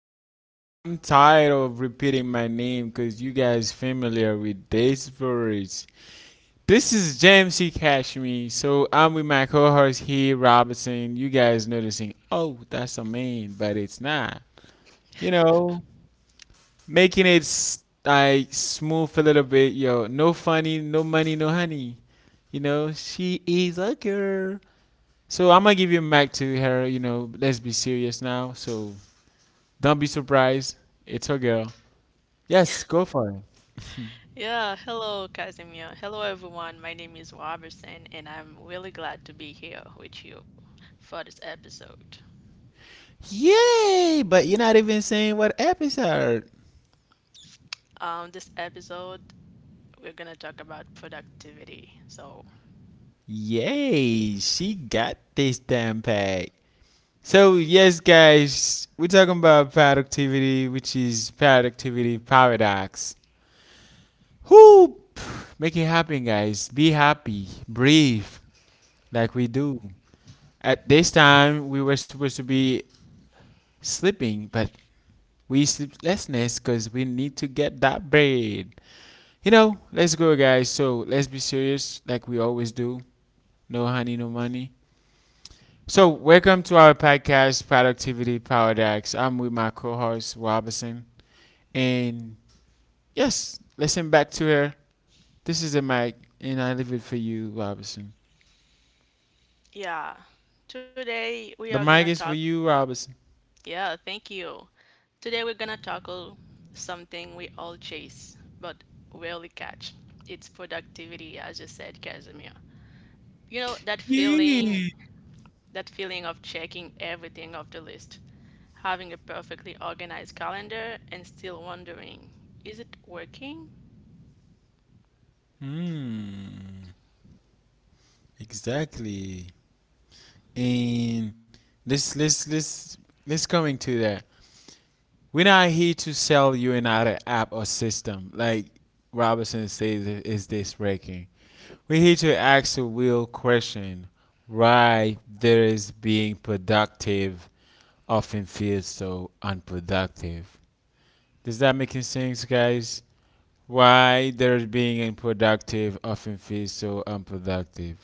guys. I'm tired of repeating my name because you guys familiar with this verse. This is James C. Cashme. So I'm with my co-host here, Robinson. You guys noticing, oh, that's a man, but it's not. You know, making it like smooth a little bit. Yo, no funny, no money, no honey. You know, she is a girl. So I'm gonna give you back to her. You know, let's be serious now. So don't be surprised. It's her girl. Yes, go for it. Yeah, hello, Casimir. Hello, everyone. My name is Robertson, and I'm really glad to be here with you for this episode. Yay! But you're not even saying what episode. This episode, we're gonna talk about productivity. So, Yay! She got this damn pack. So yes, guys, we're talking about productivity, which is productivity paradox. Who make it happen, guys? Be happy, breathe, like we do. At this time, we were supposed to be sleeping, but we sleeplessness because we need to get that bread. You know, let's go, guys. So let's be serious, like we always do. No honey, no money. So welcome to our podcast, Productivity Paradox. I'm with my co-host Robinson, and yes, listen back to her. This is the mic, and I leave it for you, Robinson. yeah, today we are The gonna mic talk. is for you, Robinson. Yeah, thank you. Today we're gonna tackle something we all chase but rarely catch. It's productivity, as you said, Casimir. You know Yeah. that feeling of checking everything off the list, having a perfectly organized calendar and still wondering, is it working? Hmm. Exactly. And let's let's let's let's coming to that. We're not here to sell you another app or system. Like Robertson says, is this breaking? We're here to ask a real question. Why there is being productive often feels so unproductive? Does that make sense, guys? Why there is being unproductive often feels so unproductive?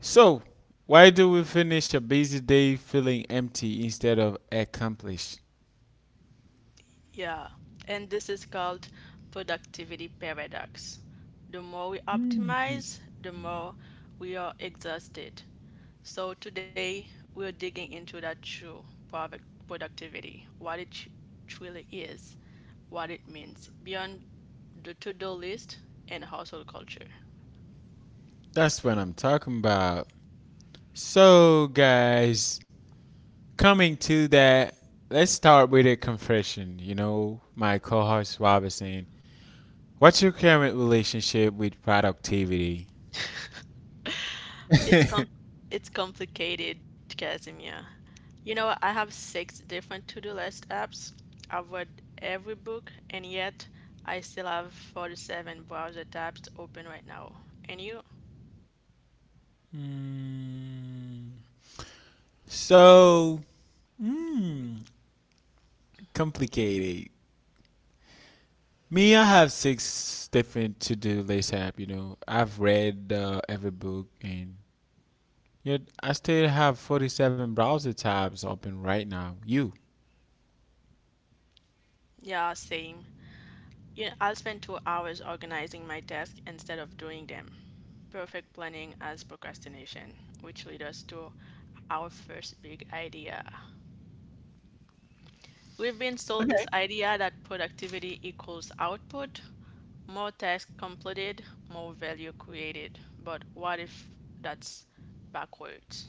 So, why do we finish a busy day feeling empty instead of accomplished? Yeah, and this is called productivity paradox. The more we optimize, the more we are exhausted. So today we're digging into that true product productivity, what it truly is, what it means beyond the to-do list and household culture. That's what I'm talking about. So, guys, coming to that, let's start with a confession. You know, my co host Robinson, what's your current relationship with productivity? It's com- it's complicated, Casimir. You know, I have six different to-do list apps. I've read every book, and yet I still have 47 browser tabs open right now. And you? Mm, so, mm, complicated. Me, I have six different to do list app. You know, I've read every book, and yet I still have 47 browser tabs open right now. You. Yeah, same. You know, I'll spend 2 hours organizing my desk instead of doing them. Perfect planning as procrastination, which leads us to our first big idea. We've been sold this idea that productivity equals output. More tasks completed, more value created. But what if that's backwards?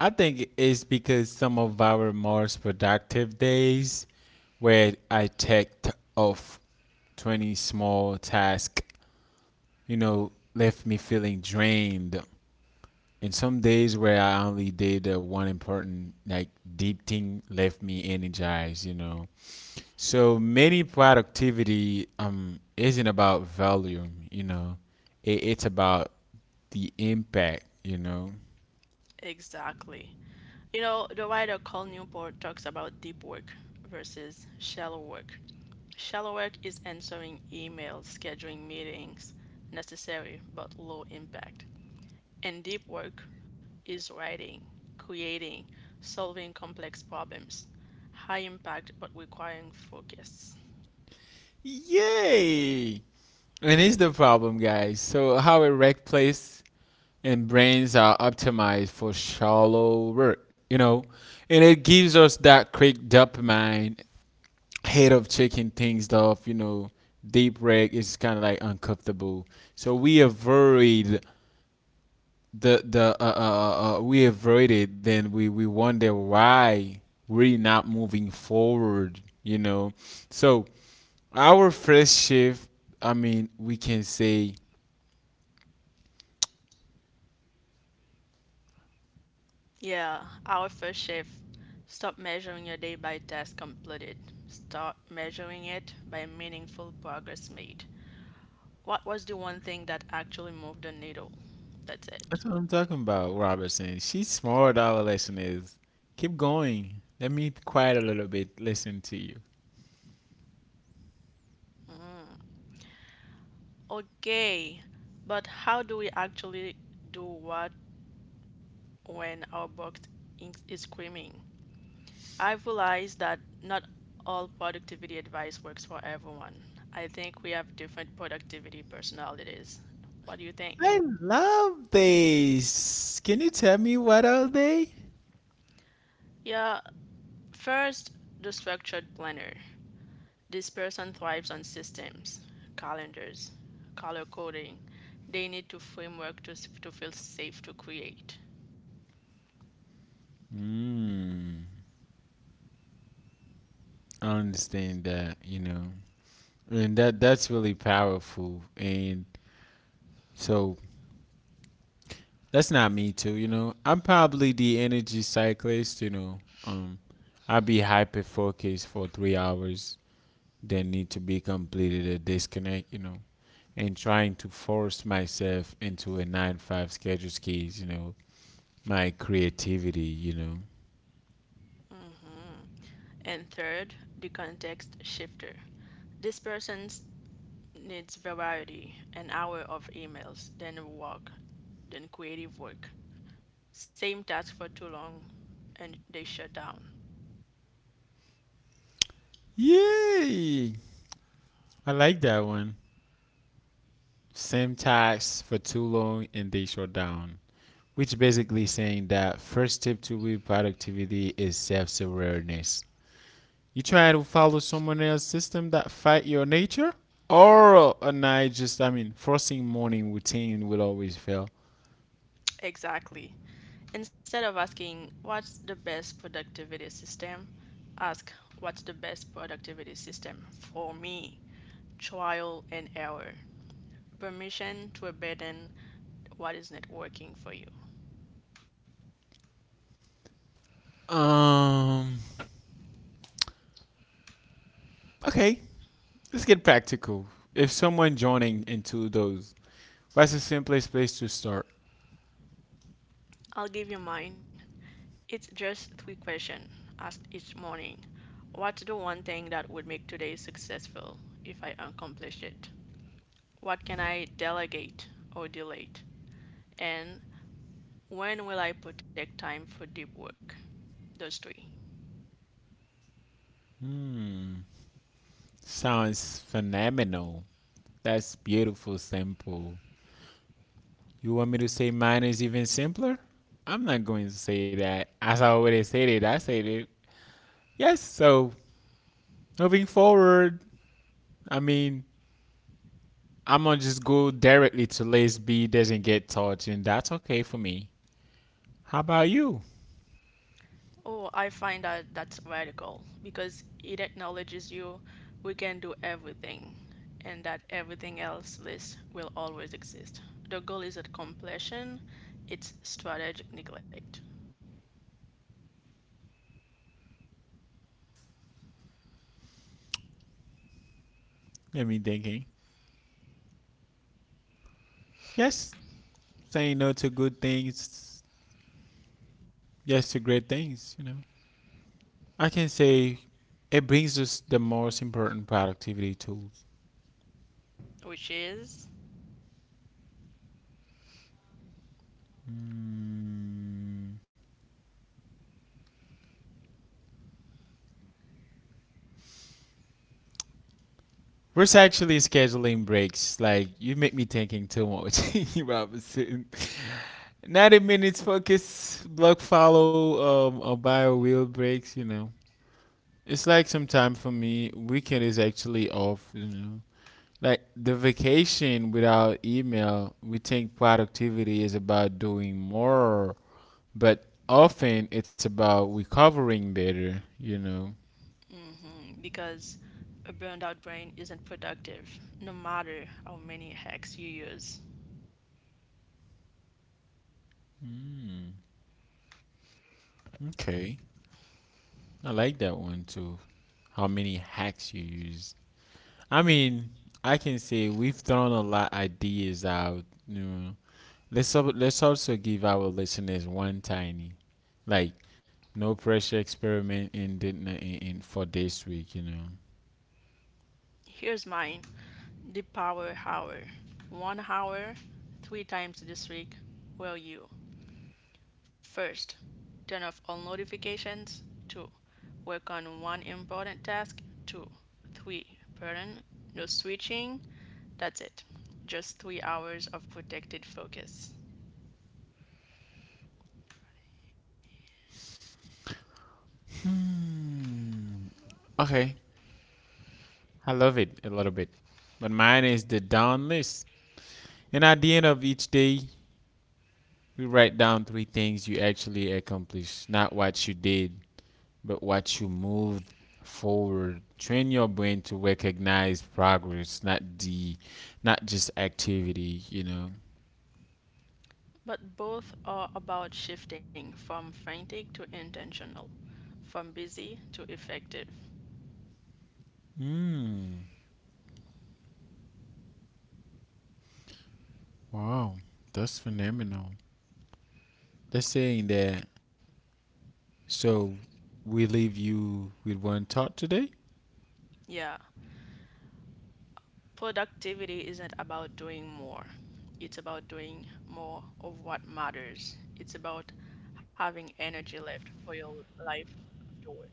I think it's because some of our most productive days where I checked off 20 small tasks, you know, left me feeling drained. And some days where I only did one important, like, deep thing left me energized, you know. So many productivity isn't about volume, you know, it's about the impact, you know. Exactly. You know, the writer Cole Newport talks about deep work versus shallow work. Shallow work is answering emails, scheduling meetings, necessary but low impact. And deep work is writing, creating, solving complex problems, high impact but requiring focus. Yay! And it's the problem, guys. So how erect place and brains are optimized for shallow work, you know, and it gives us that quick dopamine head of checking things off, you know. Deep reg is kind of like uncomfortable, so we avoid the we avoided. Then we wonder why we're not moving forward, you know. So our first shift, I mean, we can say Yeah, our first shift. Stop measuring your day by task completed. Start measuring it by meaningful progress made. What was the one thing that actually moved the needle? That's it. that's what I'm talking about, Robertson. She's smart. Our lesson is keep going. Let me quiet a little bit. Listen to you. Okay, but how do we actually do what when our box is screaming? I've realized that not all productivity advice works for everyone. I think we have different productivity personalities. What do you think? I love these. Can you tell me what are they? Yeah. First, the structured planner. This person thrives on systems, calendars, color coding. They need to framework to, to feel safe to create. Mm, I understand that. You know, and that's really powerful. And so that's not me too. You know, I'm probably the energy cyclist. You know, um, I'll be hyper focused for 3 hours that need to be completed a disconnect, you know, and trying to force myself into a nine to five schedule skis, you know, my creativity, you know. Mhm. And third, the context shifter. This person needs variety, an hour of emails, then work, then creative work. Same task for too long and they shut down. Yay, I like that one. Same tasks for too long and they shut down, which basically saying that first step to real productivity is self-awareness. You try to follow someone else's system that fight your nature, or a night, just I mean forcing morning routine will always fail. Exactly. Instead of asking what's the best productivity system, ask what's the best productivity system for me? Trial and error. Permission to abandon what is not working for you. Um. Okay, let's get practical. If someone joining into those, what's the simplest place to start? I'll give you mine. It's just three questions asked each morning. What's the one thing that would make today successful if I accomplished it? What can I delegate or delete? And when will I protect time for deep work? Those three. Sounds phenomenal. That's beautiful, simple. You want me to say mine is even simpler? I'm not going to say that. As I already said it, I said it. Yes. So moving forward, I mean, I'm gonna just go directly to lace B doesn't get touched, and that's okay for me. How about you? Oh, I find that that's radical because it acknowledges you we can do everything and that everything else list will always exist. The goal isn't completion, it's strategic neglect, Let me thinking. Yes, saying no to good things, yes to great things, you know. I can say it brings us the most important productivity tools. which is We're actually scheduling breaks. Like you make me thinking too much, Robinson. 90 minutes focus, block follow, or bio wheel breaks, you know. It's like some time for me. Weekend is actually off, you know. Like the vacation without email, we think productivity is about doing more, but often it's about recovering better, you know. mhm, because a burned out brain isn't productive no matter how many hacks you use. Okay. I like that one too. How many hacks you use. I mean, I can say we've thrown a lot ideas out, you know. Let's also give our listeners one tiny, like, no pressure experiment in for this week, you know. Here's mine, the power hour. 1 hour, three times this week. Where are you? First, turn off all notifications. 2. Work on one important task. 2. 3. Pardon, no switching. That's it. Just 3 hours of protected focus. Okay, I love it a little bit. But mine is the down list. And at the end of each day, we write down three things you actually accomplished, not what you did, but what you moved forward. Train your brain to recognize progress, not just activity, you know. But both are about shifting from frantic to intentional, from busy to effective. Mm, wow, that's phenomenal. They're saying that, so we leave you with one thought today. Yeah, productivity isn't about doing more, it's about doing more of what matters. It's about having energy left for your life after work.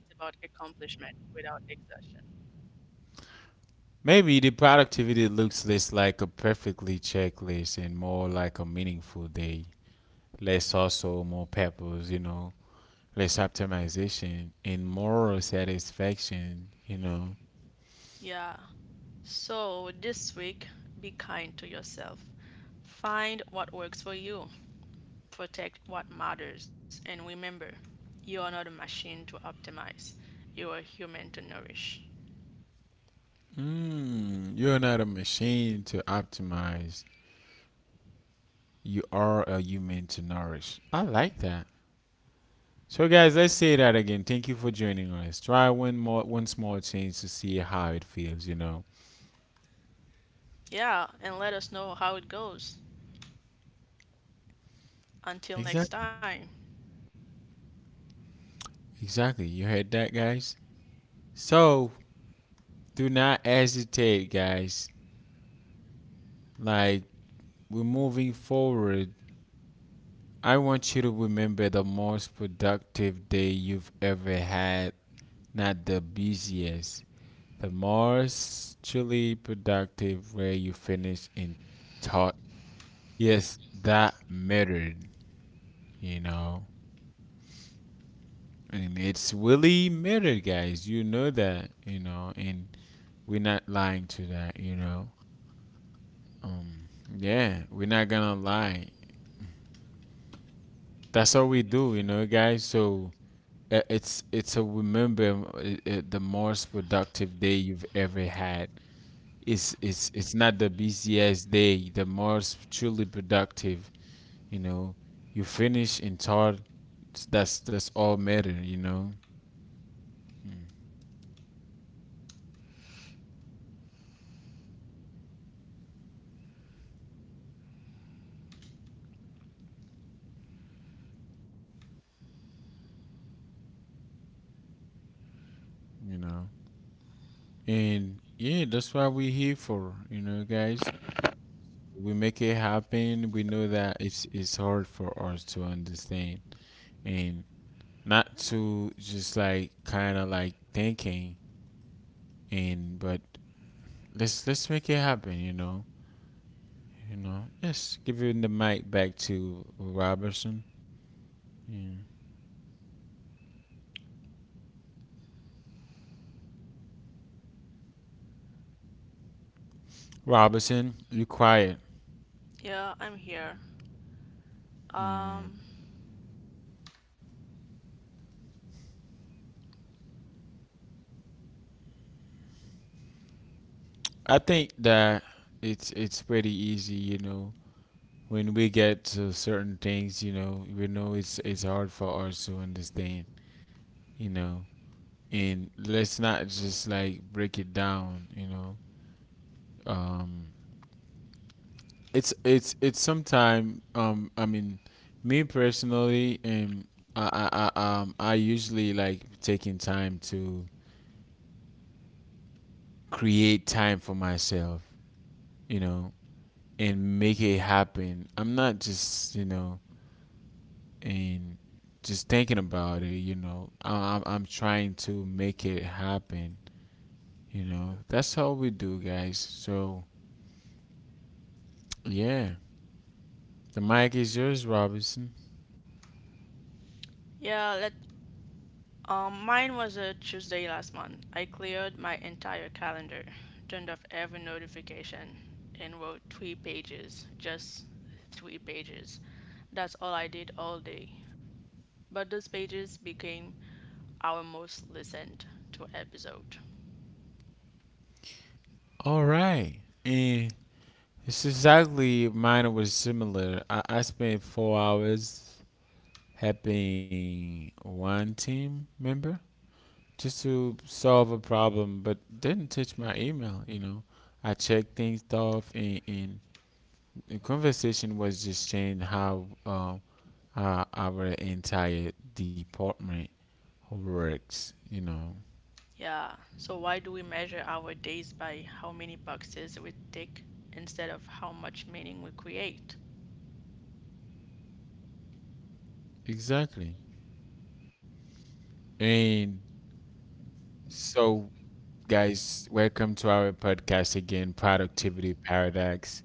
It's about accomplishment without exertion. Maybe the productivity looks less like a perfectly checklist and more like a meaningful day. Less also, more purpose, you know, less optimization and moral satisfaction, you know. Yeah. So this week, be kind to yourself. Find what works for you, protect what matters, and remember, you are not a machine to optimize, you are human to nourish. Mm, you're not a machine to optimize. You are a human to nourish. I like that. So guys, let's say that again. Thank you for joining us. Try one small change to see how it feels, you know. Yeah, and let us know how it goes. Until next Exactly. time. Exactly. You heard that, guys? So do not hesitate, guys. Like, we're moving forward. I want you to remember the most productive day you've ever had, not the busiest. The most truly productive where you finish in thought. Yes, that mattered, you know. And it's really mattered, guys. You know that, you know, and we're not lying to that, you know. Um, yeah, we're not gonna lie. That's all we do, you know, guys. So it's a remember the most productive day you've ever had. It's not the busiest day, the most truly productive. You know, you finish in third. That's all matter. You know, mm, you know, and yeah, that's what we're here for. You know, guys, we make it happen. We know that it's hard for us to understand, and not to just like kind of like thinking, and but let's make it happen, you know. You know, yes, giving the mic back to Robertson. Mm. Robertson, you quiet. Yeah, I'm here. Um Mm. I think that it's pretty easy, you know. When we get to certain things, you know, we know it's hard for us to understand, you know, and let's not just like break it down, you know. um it's sometime, I mean, me personally, I usually like taking time to create time for myself, you know, and make it happen. I'm not just, you know, and just thinking about it, you know. I'm trying to make it happen, you know. That's how we do, guys. So yeah, the mic is yours, Robinson. yeah, let mine was a Tuesday last month. I cleared my entire calendar, turned off every notification, and wrote three pages. Just three pages. That's all I did all day. But those pages became our most listened to episode. All right. And it's exactly mine was similar. I spent 4 hours helping one team member just to solve a problem, but didn't touch my email, you know. I checked things off, and the conversation was just changed how our entire department works, you know. Yeah, so why do we measure our days by how many boxes we tick instead of how much meaning we create? Exactly. And so, guys, welcome to our podcast again, Productivity Paradox.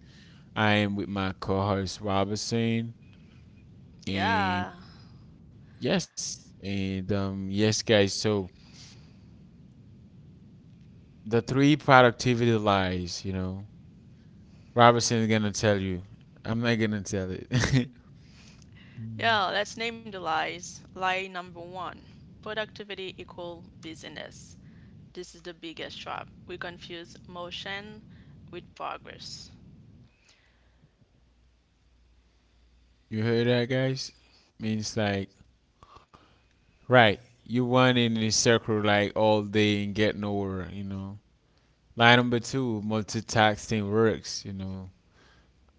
I am with my co-host Robertson, and Yeah. yes, and yes, guys. So the three productivity lies, you know, Robertson is gonna tell you. I'm not gonna tell it. Yeah, let's name the lies. Lie number one, productivity equal business. This is the biggest trap. We confuse motion with progress. You heard that, guys? Means like, right? You run in a circle like all day and get nowhere, you know. Line number two, multitasking works, you know.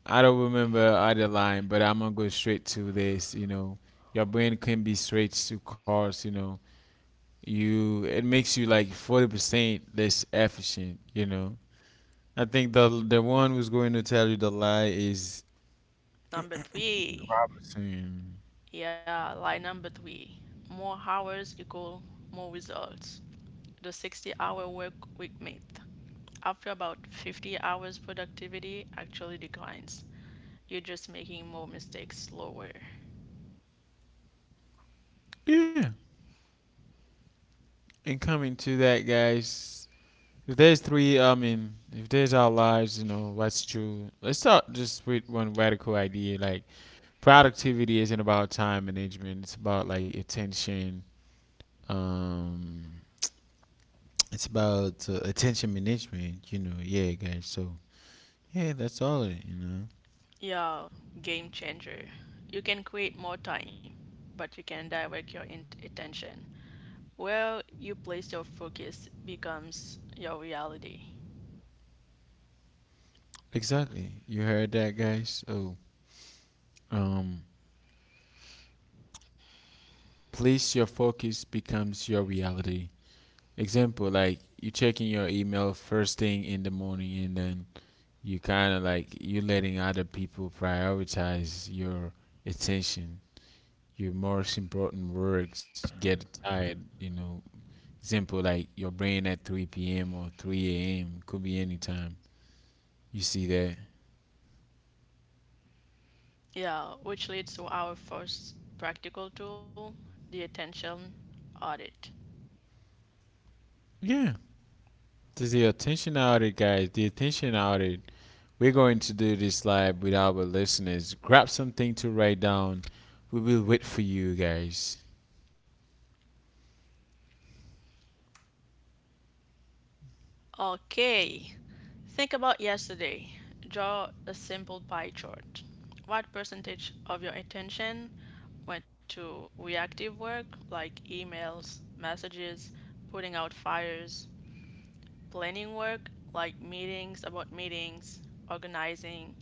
I don't remember other line, but I'm gonna go straight to this, you know. Your brain can be switched to cars, you know. You, it makes you like 40% less efficient, you know. I think the one who's going to tell you the lie is Number three. Robertson. Yeah, lie number three. More hours equal more results. The 60-hour work week myth. After about 50 hours, productivity actually declines. You're just making more mistakes slower. Yeah, and coming to that, guys, if there's three, I mean, if there's our lives, you know, let's true, let's start just with one radical idea, like productivity isn't about time management, it's about like attention. um it's about attention management, you know. Yeah, guys, so yeah, that's all it, you know. Yeah, game changer. You can create more time, but you can direct your attention. Where you place your focus becomes your reality. Exactly. You heard that, guys? Oh, um, place your focus becomes your reality. Example, like you checking your email first thing in the morning, and then you kind of like you letting other people prioritize your attention. Your most important works get tired. You know, example, like your brain at 3 p.m. or 3 a.m. could be any time. You see that? Yeah, which leads to our first practical tool, the attention audit. Yeah. This is the attention audit, guys. The attention audit. We're going to do this live with our listeners. Grab something to write down. We will wait for you guys. Okay, think about yesterday. Draw a simple pie chart. What percentage of your attention went to reactive work like emails, messages, putting out fires, planning work like meetings about meetings, organizing,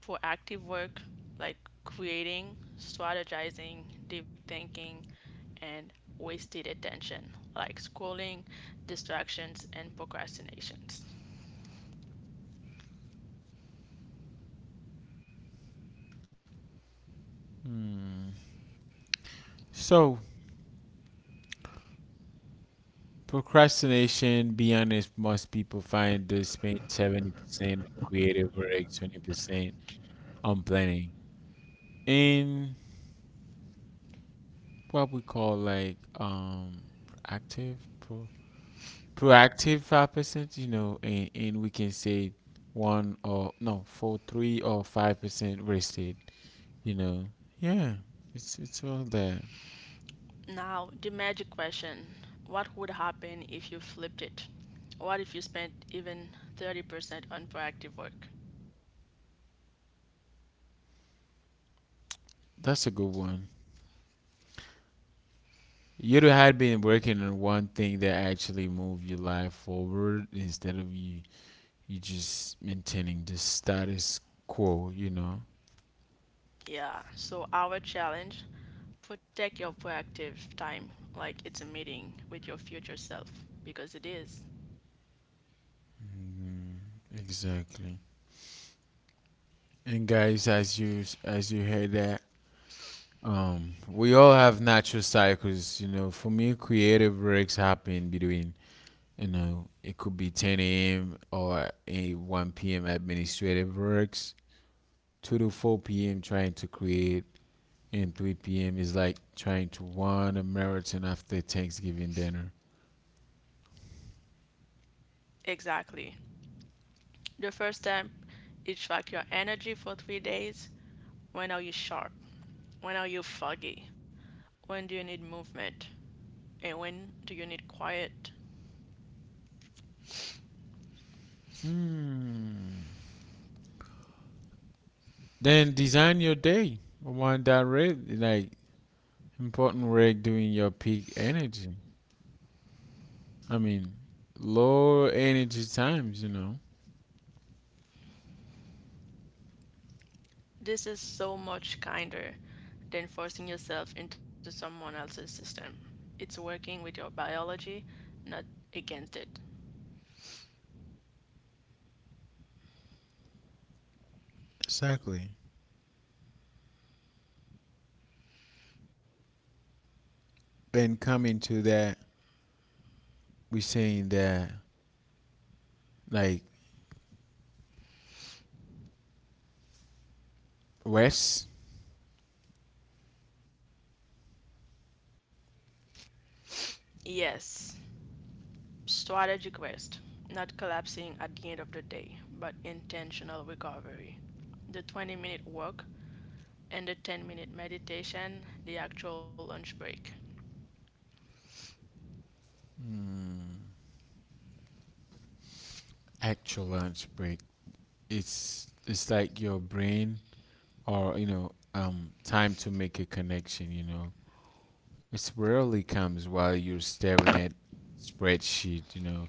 proactive work like creating, strategizing, deep thinking, and wasted attention like scrolling, distractions, and procrastinations? So, procrastination, be honest, most people find they spend 70% on creative work, 20% on planning. And what we call active pro proactive 5%, you know, and we can say one or no, four, 3 or 5% wasted. You know, yeah, it's all there. Now, the magic question, what would happen if you flipped it? What if you spent even 30% on proactive work? That's a good one. You had been working on one thing that actually move your life forward instead of you just maintaining the status quo. You know. Yeah, so our challenge, protect your proactive time like it's a meeting with your future self because it is. Mhm. Exactly. And guys, as you heard that, we all have natural cycles, you know. For me, creative breaks happen between, you know, it could be 10 a.m. or a 1 p.m. administrative works, 2 to 4 p.m. trying to create, and 3 p.m. is like trying to run a marathon after Thanksgiving dinner. Exactly. The first step is track your energy for 3 days. When are you sharp? When are you foggy? When do you need movement? And when do you need quiet? Hmm. Then design your day around that rig, like important rig during your peak energy. I mean, low energy times, you know. This is so much kinder than forcing yourself into someone else's system. It's working with your biology, not against it. Exactly. And coming to that, we saying that like rest, Yes, strategic rest, not collapsing at the end of the day, but intentional recovery. The 20-minute walk and the 10-minute meditation, the actual lunch break. actual lunch break. It's like your brain or you know time to make a connection. You know, it rarely comes while you're staring at spreadsheet. You know,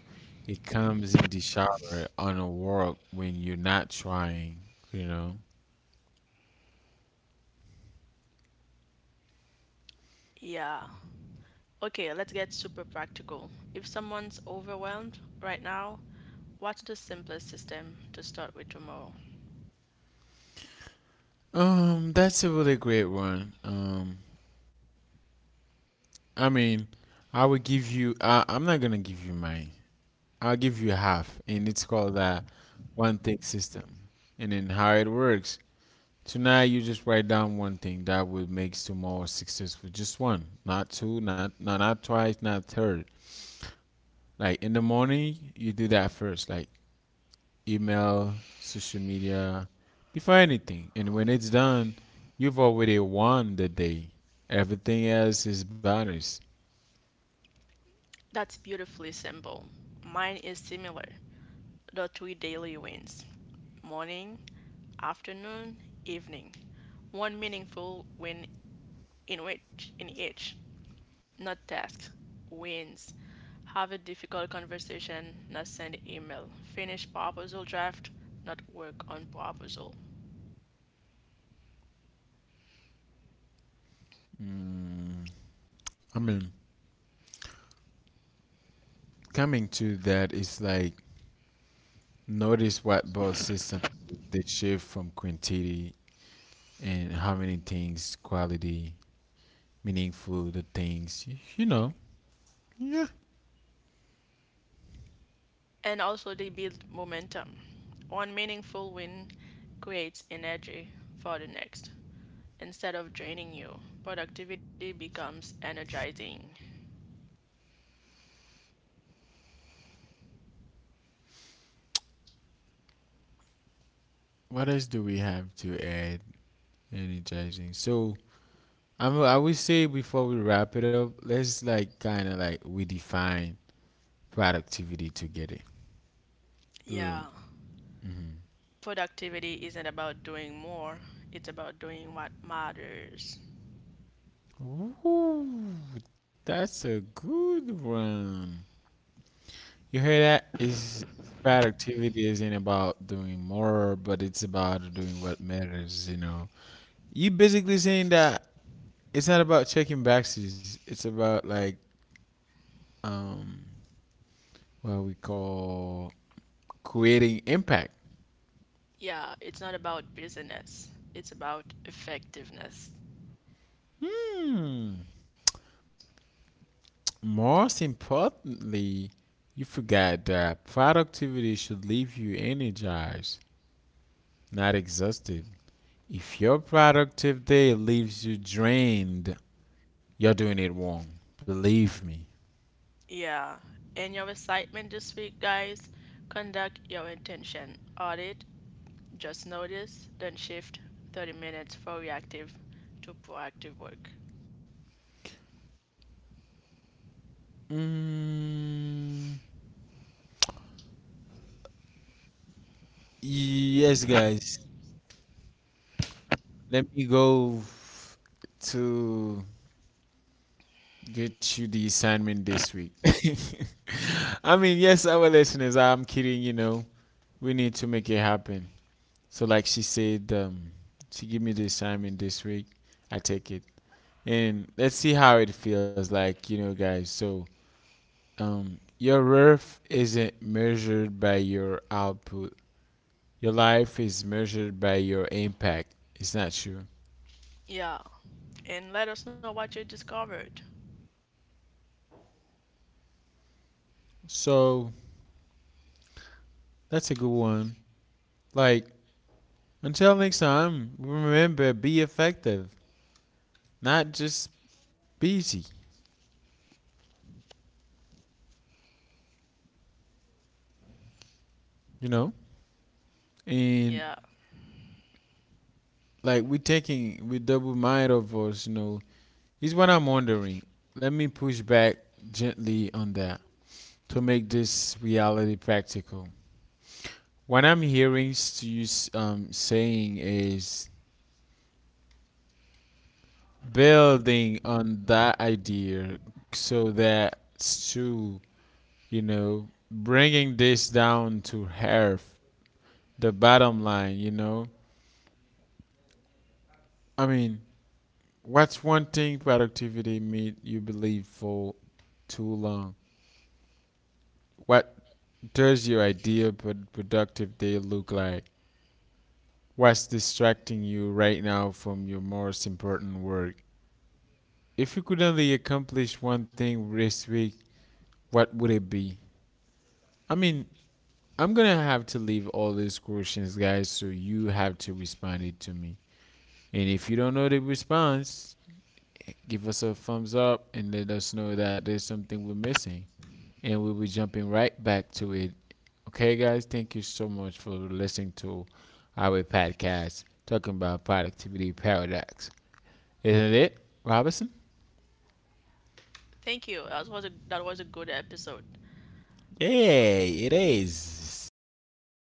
it comes in the shower on a walk when you're not trying. You know. Yeah. Okay, let's get super practical. If someone's overwhelmed right now, what's the simplest system to start with tomorrow? That's a really great one. I mean, I would give you. I'm not gonna give you mine. I'll give you half, and it's called the one thing system. And then how it works. Tonight you just write down one thing that will make tomorrow successful. Just one, not two, not twice, not third. Like in the morning, you do that first, like email, social media, before anything. And when it's done, you've already won the day. Everything else is bonus. That's beautifully simple. Mine is similar, the three daily wins: morning, afternoon, evening. One meaningful win in which in each. Not task, wins. Have a difficult conversation, not send email. Finish proposal draft, not work on proposal. I mean, coming to that is like, notice what both systems they shift from quantity and how many things, quality, meaningful, the things, you know. Yeah. And also they build momentum. One meaningful win creates energy for the next. Instead of draining you, productivity becomes energizing. What else do we have to add? Energizing. So I would say before we wrap it up, let's like kind of like we define productivity together. Mm-hmm. Yeah, productivity isn't about doing more, it's about doing what matters. Ooh, that's a good one. You hear that? It's productivity isn't about doing more, but it's about doing what matters, you know. You basically saying that it's not about checking boxes. It's about like um what we call creating impact. Yeah, it's not about business, it's about effectiveness. Hmm. Most importantly, you forgot that productivity should leave you energized, not exhausted. If your productive day leaves you drained, you're doing it wrong. Believe me. Yeah, in your excitement this week, guys, conduct your intention audit, just notice, then shift 30 minutes for reactive to proactive work. Mm, yes, guys. Let me go to get you the assignment this week. I mean, yes, our listeners, I'm kidding, you know. We need to make it happen. So, like she said, she give me the assignment this week. I take it. And let's see how it feels like, you know, guys. So, your worth isn't measured by your output. Your life is measured by your impact. It's not true. Yeah, and let us know what you discovered. So that's a good one. Like, until next time, remember be effective, not just busy, you know? And Yeah, like we double mind of us, you know. Is what I'm wondering. Let me push back gently on that to make this reality practical. What I'm hearing you saying is building on that idea so that Sue, you know, bringing this down to earth, the bottom line, you know. I mean, what's one thing productivity made you believe for too long? What does your ideal but productive day look like? What's distracting you right now from your most important work? If you could only accomplish one thing this week, what would it be? I mean, I'm gonna have to leave all these questions, guys, so you have to respond it to me. And if you don't know the response, give us a thumbs up and let us know that there's something we're missing. And we'll be jumping right back to it. Okay, guys, thank you so much for listening to our podcast talking about productivity paradox. Isn't it, Robinson? thank you. That was a good episode. Yay, it is.